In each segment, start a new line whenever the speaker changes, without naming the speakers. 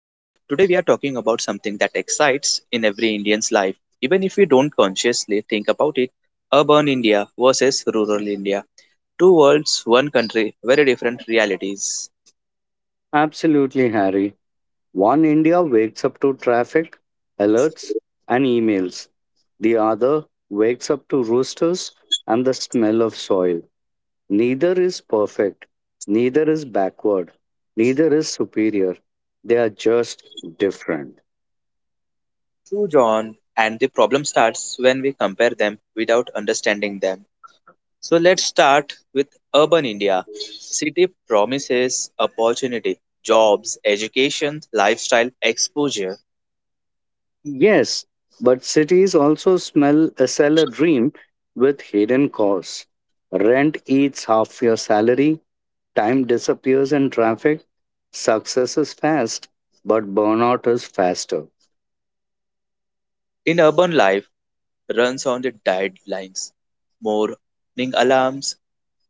Today we are talking about something that excites in every Indian's life, even if we don't consciously think about it urban India versus rural India. Two worlds, one country, very different realities.
Absolutely, Harry. One India wakes up to traffic, alerts, and emails. The other wakes up to roosters and the smell of soil. Neither is perfect. Neither is backward. Neither is superior. They are just different.
True, John, and the problem starts when we compare them without understanding them. So let's start with urban India. City promises opportunity, jobs, education, lifestyle, exposure.
Yes, but cities also smell sell a dream with hidden costs. Rent eats half your salary, time disappears in traffic, success is fast, but burnout is faster.
In urban life, runs on the deadlines, morning alarms,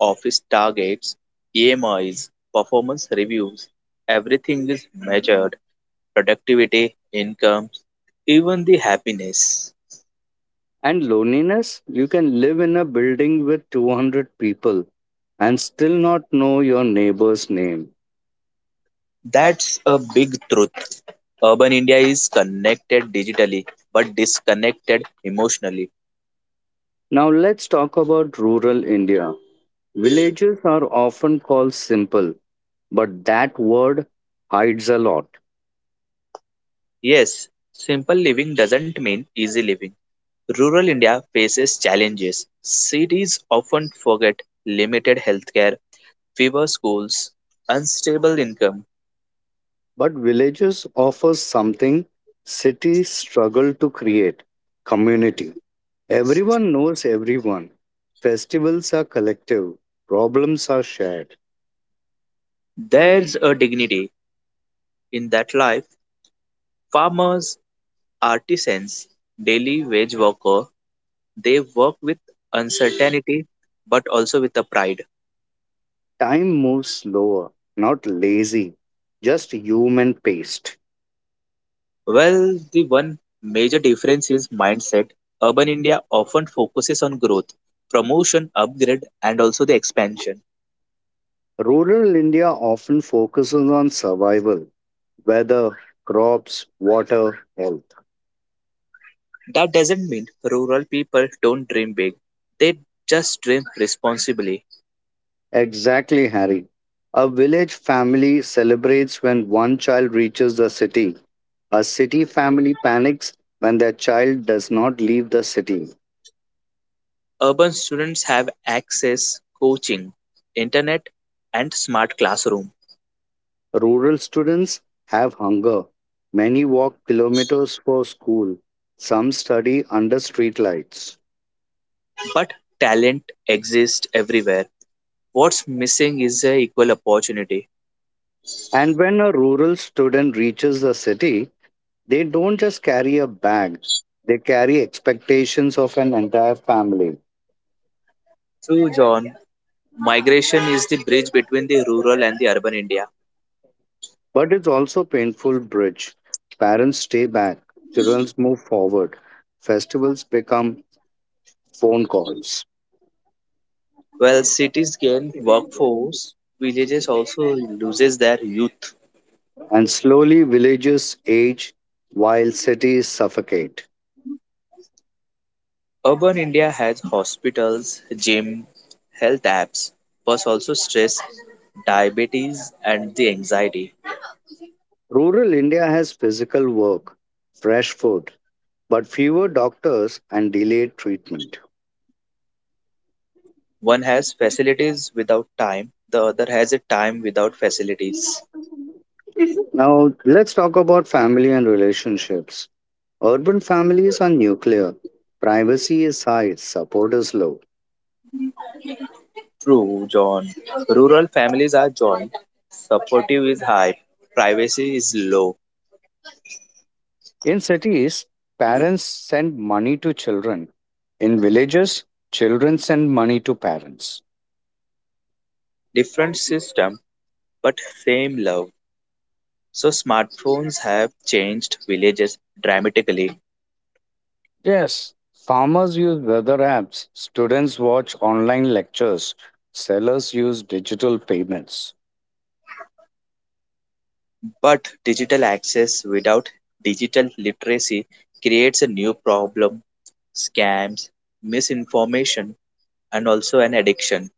office targets, EMIs, performance reviews, everything is measured productivity, income, even the happiness.
And loneliness, you can live in a building with 200 people and still not know your neighbor's name.
That's a big truth. Urban India is connected digitally but disconnected emotionally.
Now let's talk about rural India. Villages are often called simple, but that word hides a lot.
Yes, simple living doesn't mean easy living. Rural India faces challenges. Cities often forget limited healthcare fewer schools, unstable income.
But villages offer something cities struggle to create community. Everyone knows everyone. Festivals are collective, problems are shared.
There's a dignity in that life. Farmers, artisans, daily wage worker, they work with uncertainty but also with a pride.
Time moves slower, not lazy, just human paced.
Well, the one major difference is mindset. Urban India often focuses on growth, promotion, upgrade, and also the expansion.
Rural India often focuses on survival, weather, crops, water, health.
That doesn't mean rural people don't dream big. They just dream responsibly.
Exactly, Harry. A village family celebrates when one child reaches the city. A city family panics when their child does not leave the city.
Urban students have access coaching, internet and smart classroom,
Rural students have hunger. Many walk kilometers for school. Some study under streetlights.
but talent exists everywhere. What's missing is a equal opportunity.
And when a rural student reaches the city, they don't just carry a bag, they carry expectations of an entire family.
True John, migration is the bridge between the rural and the urban India.
But it's also painful bridge. Parents stay back, children move forward, festivals become phone calls,
While cities gain workforce, villages also loses their youth.
and slowly villages age while cities suffocate.
Urban India has hospitals, gym, health apps, but also stress, diabetes and the anxiety.
Rural India has physical work, fresh food, but fewer doctors and delayed treatment.
One has facilities without time, the other has a time without facilities.
Now, let's talk about family and relationships. Urban families are nuclear. Privacy is high, support is low.
True, John. Rural families are joined, supportive is high, privacy is low.
In cities, parents send money to children. In villages, children send money to parents.
Different system, but same love. So, smartphones have changed villages dramatically,
Yes, farmers use weather apps, students watch online lectures, sellers use digital payments.
but digital access without digital literacy creates a new problem scams, misinformation, and also an addiction.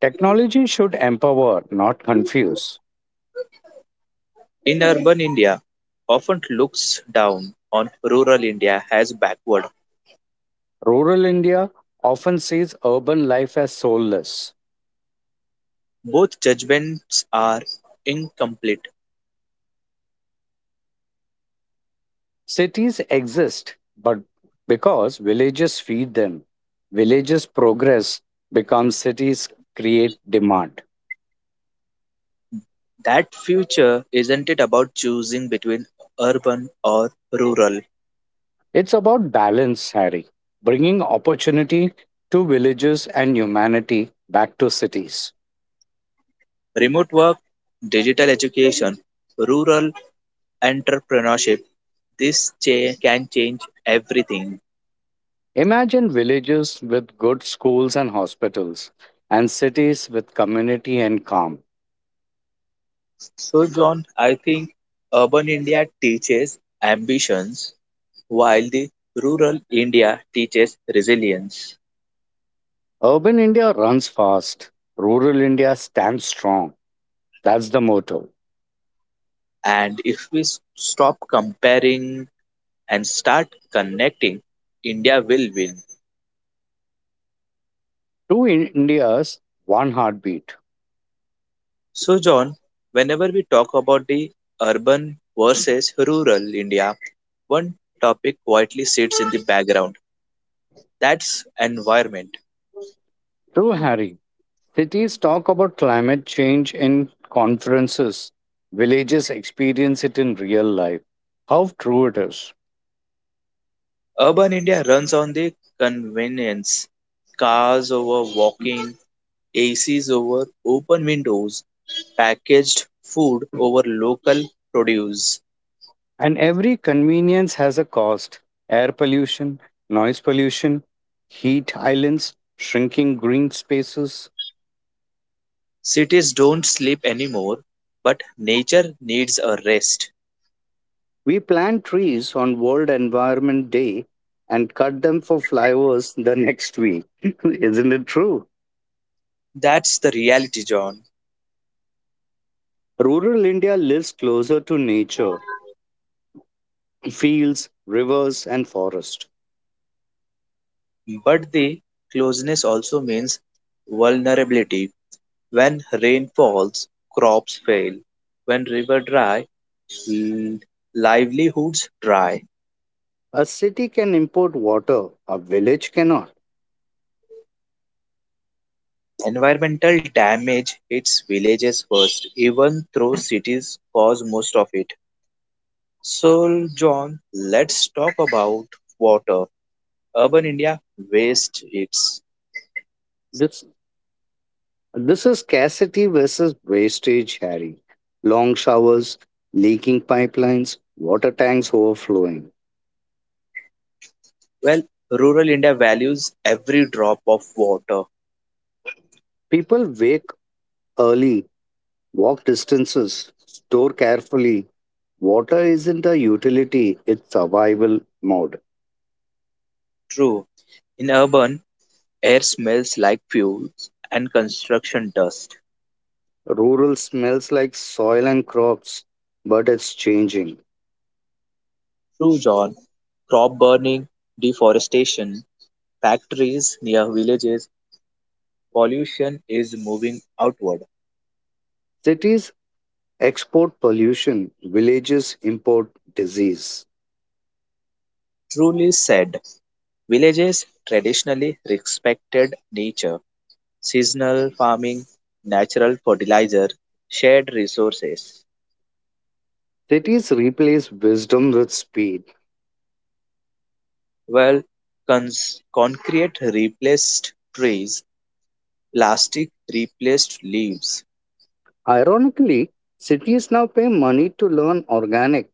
Technology should empower, not confuse.
In urban India often looks down on rural India as backward.
Rural India often sees urban life as soulless.
Both judgments are incomplete.
Cities exist, but because villages feed them, villages progress, become cities create demand.
That future isn't it about choosing between urban or rural,
It's about balance, Harry, bringing opportunity to villages and humanity back to cities.
remote work, digital education, rural entrepreneurship. This can change everything.
Imagine villages with good schools and hospitals, and cities with community and calm.
So, John, I think urban India teaches ambitions while the rural India teaches resilience.
Urban India runs fast, rural India stands strong. That's the motto.
And if we stop comparing and start connecting, India will win.
Two Indias, one heartbeat.
So, John, whenever we talk about the urban versus rural India, one topic quietly sits in the background that's environment.
True, Harry. Cities talk about climate change in conferences, villages experience it in real life. How true it is.
Urban India runs on the convenience cars over walking, ACs over open windows, packaged food over local produce.
And every convenience has a cost air pollution, noise pollution, heat islands, shrinking green spaces.
Cities don't sleep anymore, but nature needs a rest.
We plant trees on World Environment Day and cut them for flowers the next week. Isn't it true?
That's the reality, John.
Rural India lives closer to nature, fields, rivers, and forests.
But the closeness also means vulnerability. When rain falls, crops fail. When river dry, l- livelihoods dry.
A city can import water, a village cannot.
Environmental damage hits villages first, even though cities cause most of it. So, John, let's talk about water. Urban India wastes it.
This, this is scarcity versus wastage, Harry. Long showers, leaking pipelines, water tanks overflowing.
Well, rural India values every drop of water.
People wake early, walk distances, store carefully. Water isn't a utility, it's survival mode.
True. In urban, air smells like fuels and construction dust.
Rural smells like soil and crops, but it's changing.
True, John. Crop burning, deforestation, factories near villages, pollution is moving outward.
Cities export pollution, villages import disease.
Truly said, villages traditionally respected nature, seasonal farming, natural fertilizer, shared resources.
Cities replace wisdom with speed.
Well, concrete replaced trees Plastic replaced leaves.
Ironically, cities now pay money to learn organic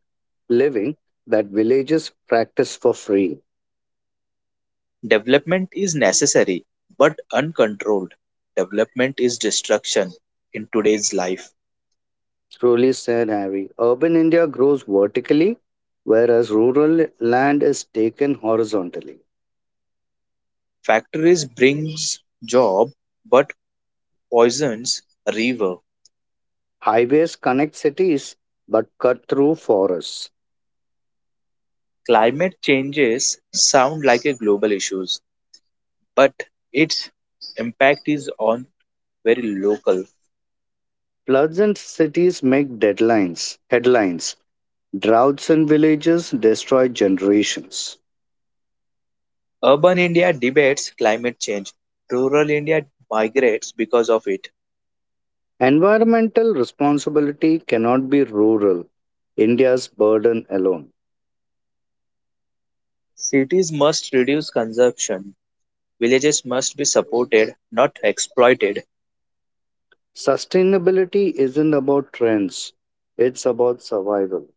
living that villages practice for free.
Development is necessary, but uncontrolled development is destruction in today's life.
Truly said Harry. Urban India grows vertically, whereas rural land is taken horizontally.
Factories brings job, but poisons river.
Highways connect cities but cut through forests.
Climate changes sound like a global issues, but its impact is on very local.
Floods in cities make deadlines, headlines. Droughts in villages destroy generations.
Urban India debates climate change. Rural India migrates because of it.
Environmental responsibility cannot be rural, India's burden alone.
Cities must reduce consumption, Villages must be supported, not exploited.
Sustainability isn't about trends, it's about survival.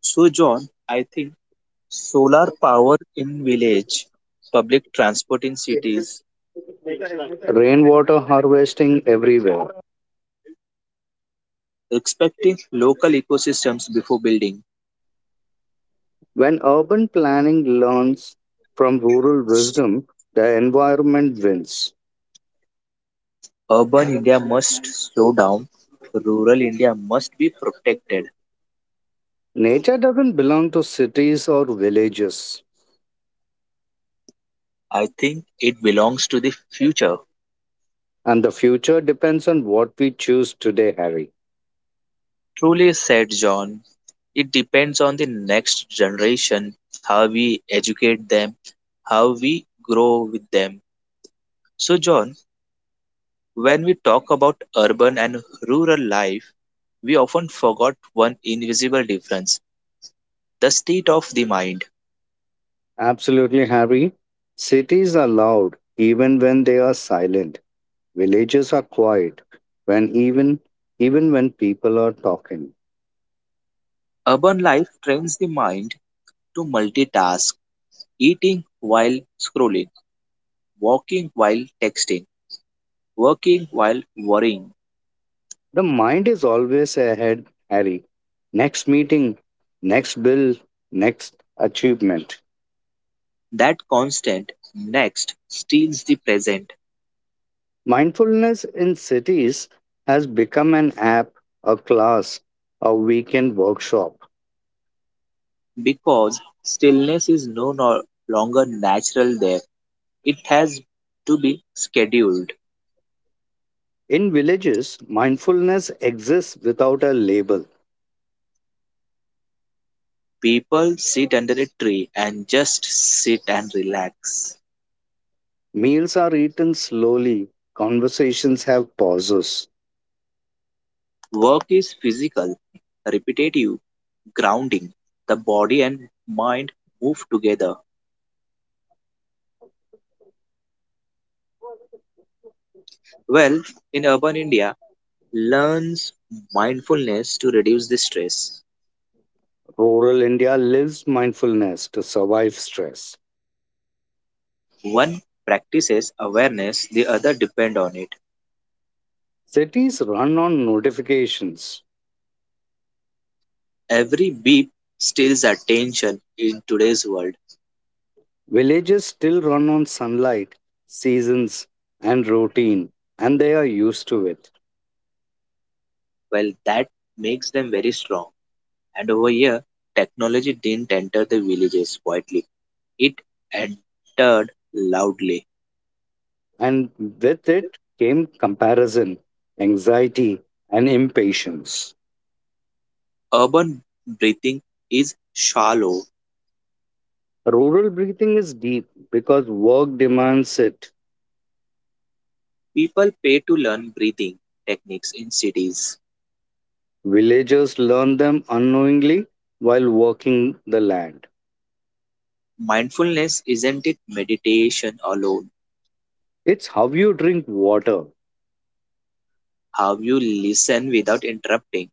So, John, I think solar power in village, public transport in cities,
Rainwater harvesting everywhere.
respecting local ecosystems before building.
When urban planning learns from rural wisdom, the environment wins.
Urban India must slow down. Rural India must be protected.
Nature doesn't belong to cities or villages.
I think it belongs to the future.
And the future depends on what we choose today, Harry.
Truly said John, it depends on the next generation, how we educate them, how we grow with them. So, John, When we talk about urban and rural life, we often forget one invisible difference the state of the mind.
Absolutely, Harry. Cities are loud even when they are silent. Villages are quiet when even even when people are talking.
Urban life trains the mind to multitask, eating while scrolling, walking while texting, working while worrying.
The mind is always ahead, Harry. Next meeting, next bill, next achievement.
That constant next steals the present
Mindfulness in cities has become an app, a class, a weekend workshop.
because stillness is no longer natural there. It has to be scheduled.
In villages, mindfulness exists without a label.
People sit under a tree and just sit and relax.
Meals are eaten slowly, conversations have pauses.
Work is physical, repetitive, grounding. The body and mind move together. Well, in urban India, learns mindfulness to reduce the stress.
Rural India lives mindfulness to survive stress.
One practices awareness, the other depend on it.
Cities run on notifications.
Every beep steals attention in today's world.
Villages still run on sunlight, seasons, and routine, and they are used to it.
Well, that makes them very strong. And over here, technology didn't enter the villages quietly. It entered loudly.
And with it came comparison, anxiety, and impatience.
Urban breathing is shallow.
Rural breathing is deep because work demands it.
People pay to learn breathing techniques in cities.
Villagers learn them unknowingly while working the land.
Mindfulness isn't it meditation alone.
It's how you drink water,
How you listen without interrupting.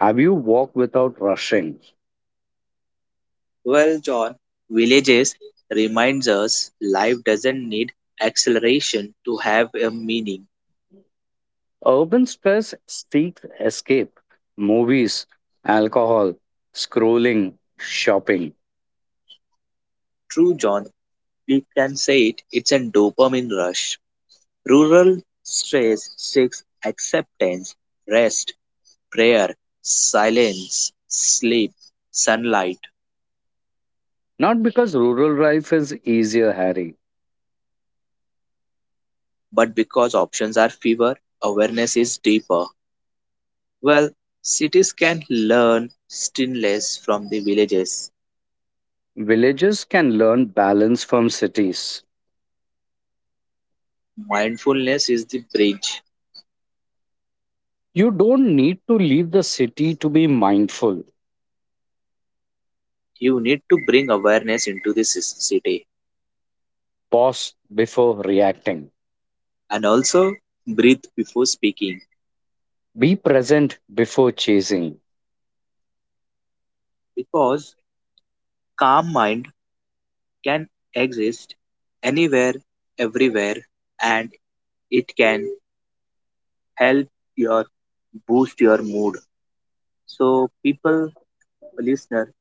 have you walk without rushing.
Well, John, villages reminds us life doesn't need acceleration to have a meaning.
Urban stress seeks escape, movies, alcohol, scrolling, shopping.
True, John, We can say it. It's a dopamine rush. Rural stress seeks acceptance, rest, prayer, silence, sleep, sunlight.
Not because rural life is easier, Harry.
But because options are fewer, awareness is deeper. Well, cities can learn stillness from the villages.
Villages can learn balance from cities.
Mindfulness is the bridge.
You don't need to leave the city to be mindful.
You need to bring awareness into the city
Pause before reacting.
and also breathe before speaking
Be present before chasing.
because calm mind can exist anywhere, everywhere, and it can help your boost your mood. So, people, listener,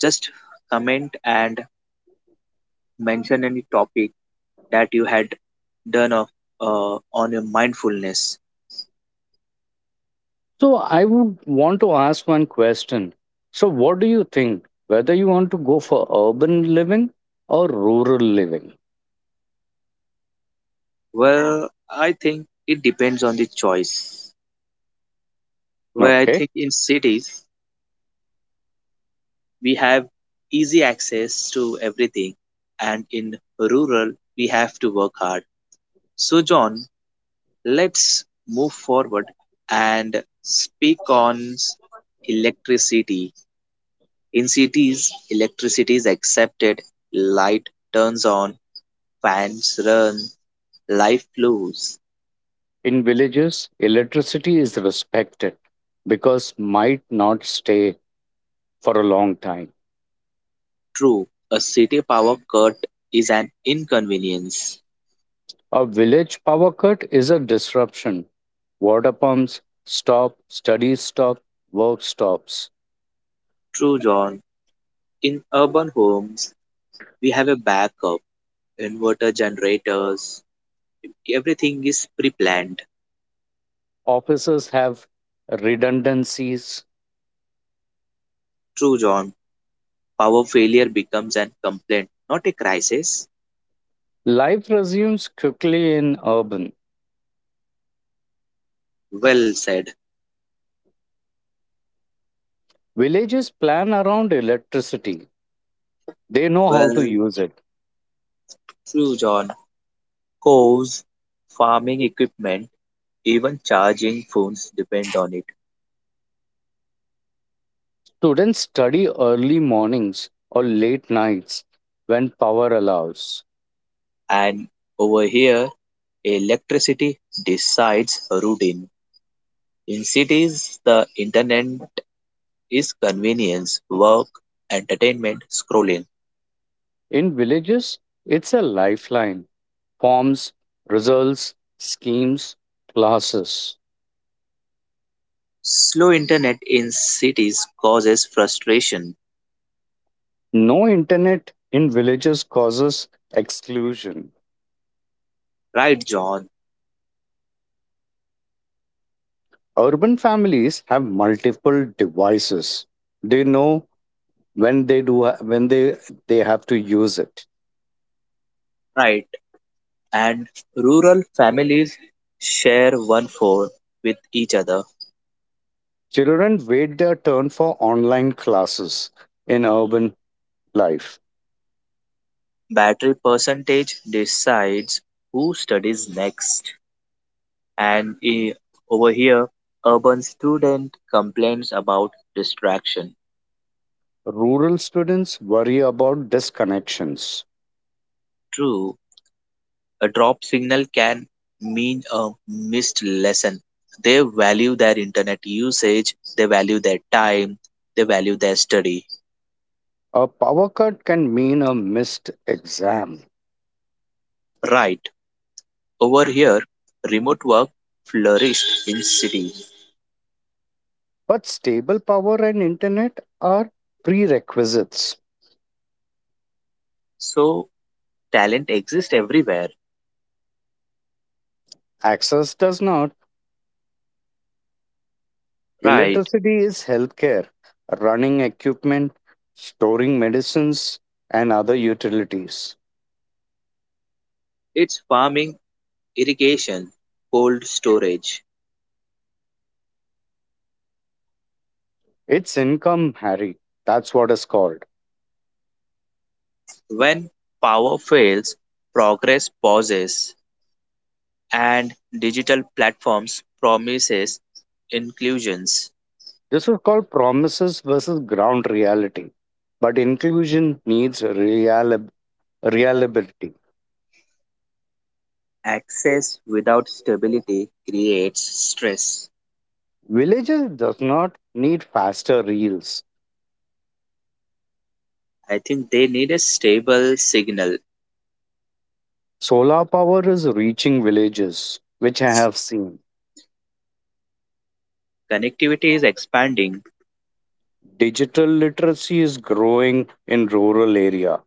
just comment and mention any topic that you had done of on your mindfulness.
So I would want to ask one question. So what do you think whether you want to go for urban living or rural living?
Well, I think it depends on the choice. Where I
Okay.
think in cities we have easy access to everything, and in rural we have to work hard. So, John, let's move forward and speak on electricity In cities, electricity is accepted, light turns on, fans run, life flows.
In villages, electricity is respected because might not stay for a long time.
True, a city power cut is an inconvenience.
A village power cut is a disruption. Water pumps stop, studies stop, work stops.
True, John, in urban homes, we have a backup, inverter generators, everything is pre planned.
Offices have redundancies.
True, John, power failure becomes an complaint, not a crisis.
Life resumes quickly in urban.
Well said.
Villages plan around electricity. They know how to
Well,
use it.
true, John. Cows, farming equipment Even charging phones depend on it.
Students study early mornings or late nights when power allows.
And over here, electricity decides routine. In cities, the internet is convenience, work, entertainment, scrolling.
In villages, it's a lifeline. Forms, results, schemes, classes.
Slow internet in cities causes frustration.
No internet in villages causes exclusion.
Right, John?
Urban families have multiple devices. They know when they do when they they have to use it.
Right. And rural families share one phone with each other.
Children wait their turn for online classes in urban life.
Battery percentage decides who studies next. And over here, urban student complains about distraction.
Rural students worry about disconnections.
True, a drop signal can mean a missed lesson. They value their internet usage, they value their time, they value their study.
A power cut can mean a missed exam.
Right. Over here, remote work flourished in cities.
But stable power and internet are prerequisites.
So talent exists everywhere.
Access does not.
Right.
Electricity is healthcare, running equipment, storing medicines, and other utilities.
It's farming, irrigation, cold storage.
It's income, Harry. That's what is called.
When power fails, progress pauses, and digital platforms promises inclusions.
This is called promises versus ground reality. But inclusion needs reliability.
Access without stability creates stress.
Villages does not need faster reels.
I think they need a stable signal.
Solar power is reaching villages, which I have seen.
Connectivity is expanding.
Digital literacy is growing in rural area.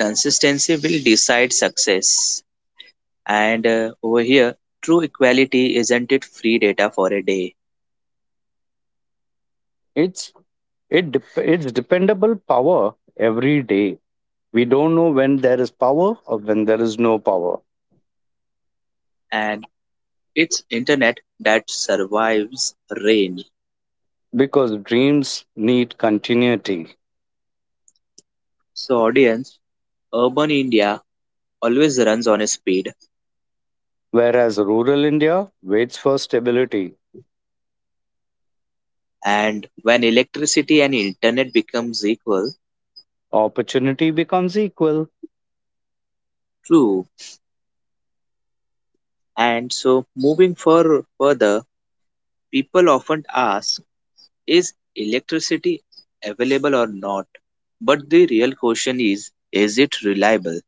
Consistency will decide success. And over here, true equality isn't it free data for a day,
It's it's dependable power every day. We don't know when there is power or when there is no power
and it's internet that survives rain.
because dreams need continuity.
So, audience, Urban India always runs on a speed,
Whereas rural India waits for stability.
and when electricity and internet becomes equal,
Opportunity becomes equal.
true. And so, moving for further, people often ask, is electricity available or not? But the real question is it reliable?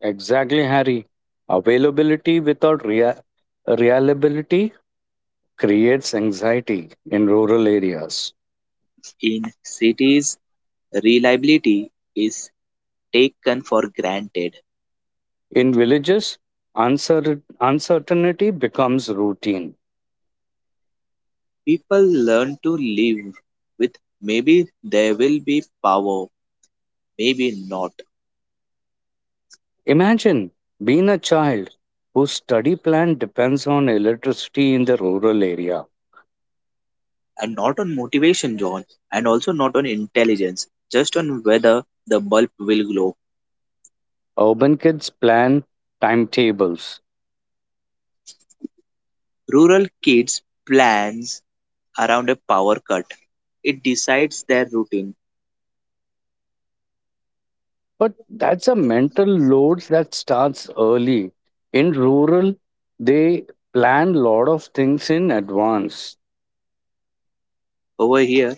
Exactly, Harry. Availability without reliability creates anxiety in rural areas.
In cities, reliability is taken for granted.
In villages, uncer- uncertainty becomes routine.
People learn to live with maybe there will be power, maybe not
Imagine being a child whose study plan depends on electricity in the rural area.
and not on motivation, John, and also not on intelligence, just on whether the bulb will glow.
Urban kids plan timetables.
Rural kids plans around a power cut. It decides their routine.
But that's a mental load that starts early. In rural, they plan lot of things in advance.
Over here,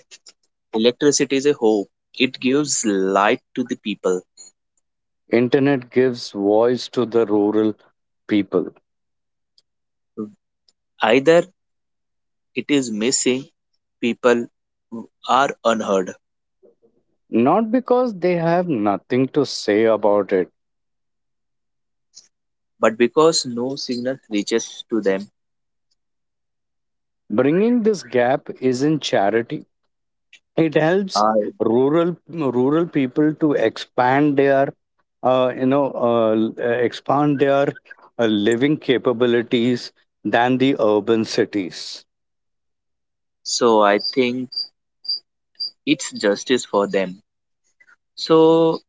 electricity is a hope. It gives light to the people.
Internet gives voice to the rural people,
Either it is missing, people are unheard,
not because they have nothing to say about it.
but because no signal reaches to them,
Bringing this gap isn't charity. It helps
I
rural people to expand their you know l- expand their living capabilities than the urban cities.
so I think it's justice for them. So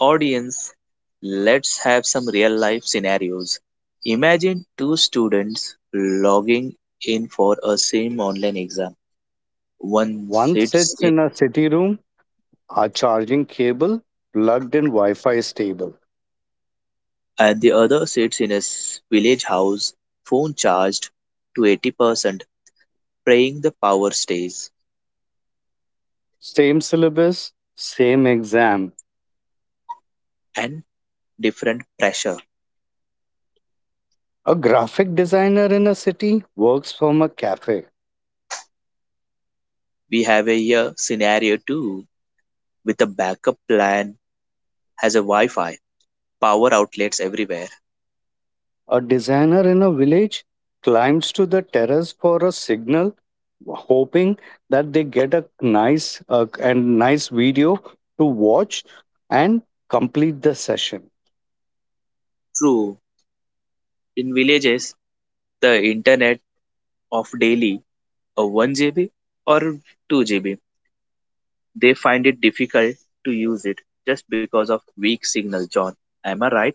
audience, let's have some real life scenarios. Imagine two students logging in for a same online exam. One
One
sits
sits
in,
in a city room, a charging cable plugged in Wi Fi stable.
and the other sits in a village house, phone charged to 80%, praying the power stays,
Same syllabus, same exam.
and different pressure.
A graphic designer in a city works from a cafe.
We have a here scenario too, with a backup plan, has a Wi Fi, power outlets everywhere.
A designer in a village climbs to the terrace for a signal, hoping that they get a nice video to watch and complete the session.
True, in villages, the internet of Delhi a 1 GB or 2 GB. They find it difficult to use it just because of weak signal, John. Am I right?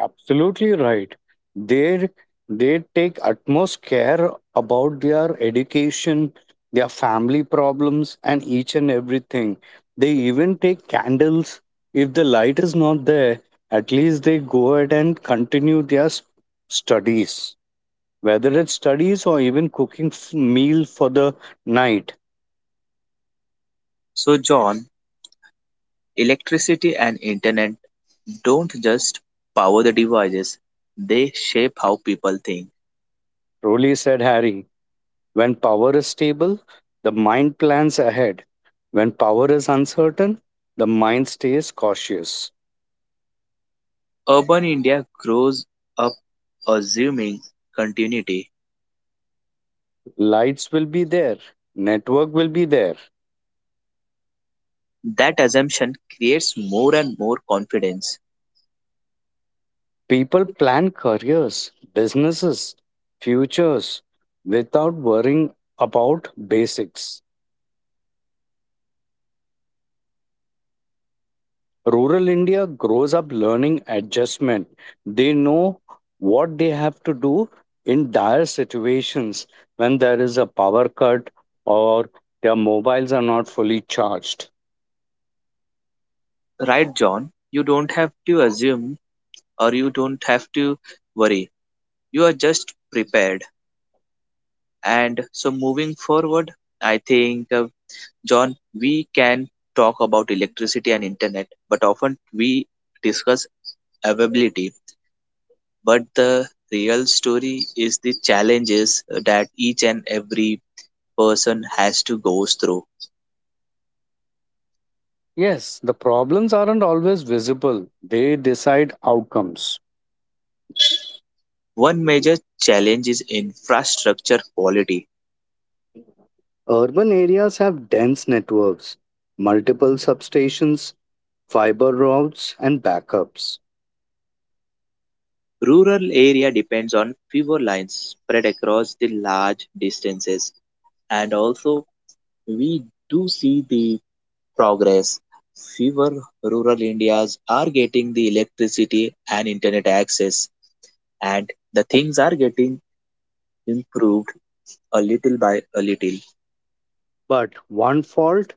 Absolutely right. They they take utmost care about their education, their family problems, and each and everything. They even take candles. If the light is not there, at least they go ahead and continue their studies, whether it's studies or even cooking meal for the night.
So, John, electricity and internet don't just power the devices, they shape how people think.
Truly said Harry. When power is stable, the mind plans ahead. When power is uncertain, the mind stays cautious.
Urban India grows up assuming continuity.
Lights will be there, network will be there.
That assumption creates more and more confidence.
People plan careers, businesses, futures without worrying about basics. Rural India grows up learning adjustment. They know what they have to do in dire situations when there is a power cut or their mobiles are not fully charged.
Right, John? You don't have to assume or you don't have to worry. You are just prepared. And so, moving forward, I think, John, we can talk about electricity and internet, but often we discuss availability. But the real story is the challenges that each and every person has to go through.
Yes, the problems aren't always visible. They decide outcomes.
One major challenge is infrastructure quality.
Urban areas have dense networks, multiple substations, fiber routes and backups.
Rural area depends on fewer lines spread across the large distances, and also we do see the progress fewer rural Indias are getting the electricity and internet access, and the things are getting improved a little by a little.
But one fault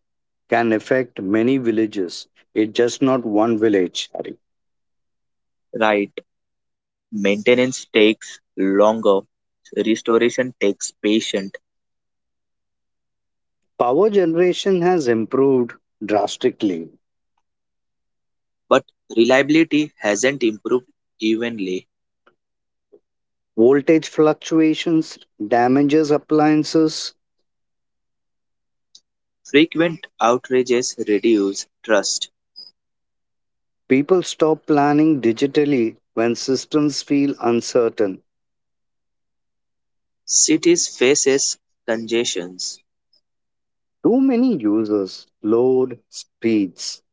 can affect many villages. It's just not one village. Hari.
Right, maintenance takes longer, restoration takes patience,
Power generation has improved drastically.
but reliability hasn't improved evenly.
Voltage fluctuations damages appliances.
Frequent outages reduce trust.
People stop planning digitally when systems feel uncertain.
Cities faces congestions.
Too many users, load, speeds.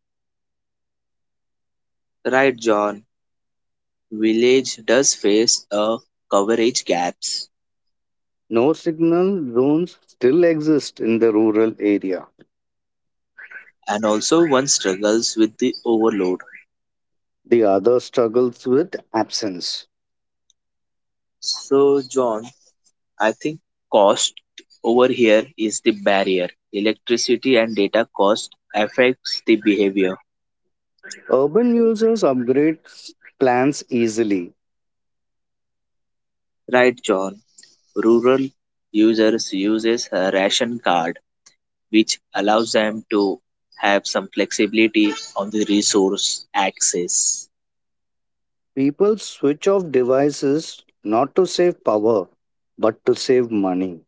Right, John. Village does face a coverage gaps.
No signal zones still exist in the rural area.
And also one struggles with the overload.
The other struggles with absence.
So, John, I think cost over here is the barrier. Electricity and data cost affects the behavior.
Urban users upgrade plans easily.
Right, John? Rural users uses a ration card which allows them to have some flexibility on the resource access.
People switch off devices not to save power, but to save money.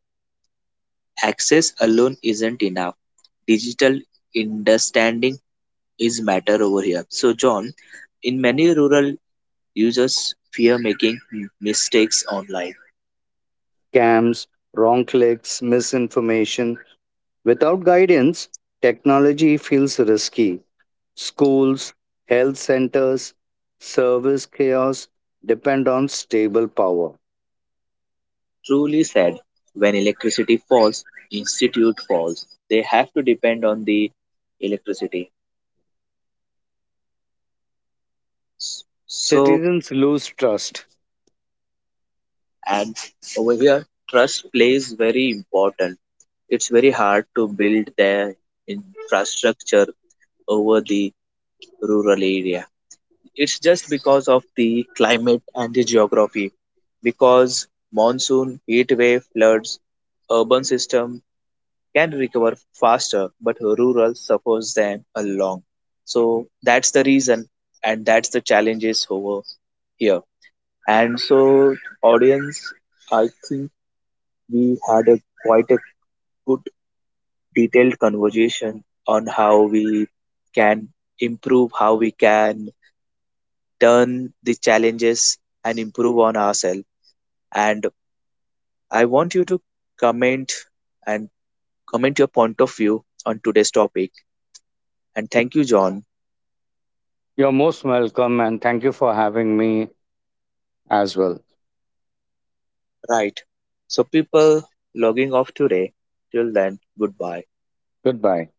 Access alone isn't enough. Digital understanding is matter over here. So, John, in many rural Users fear making mistakes online.
Scams, wrong clicks, misinformation. Without guidance, technology feels risky. Schools, health centers, service chaos depend on stable power.
Truly said, When electricity falls, institute falls. They have to depend on the electricity. So,
Citizens lose trust.
and over here, trust plays very important. It's very hard to build their infrastructure over the rural area. It's just because of the climate and the geography. Because monsoon, heat wave, floods, urban system can recover faster, but rural suffers them along. So that's the reason, and that's the challenges over here. And so, audience, I think we had a quite a good detailed conversation on how we can improve, how we can turn the challenges and improve on ourselves. And I want you to comment and comment your point of view on today's topic. And thank you, John.
You're most welcome, and thank you for having me as well.
Right. So people logging off today. Till then, goodbye.
Goodbye.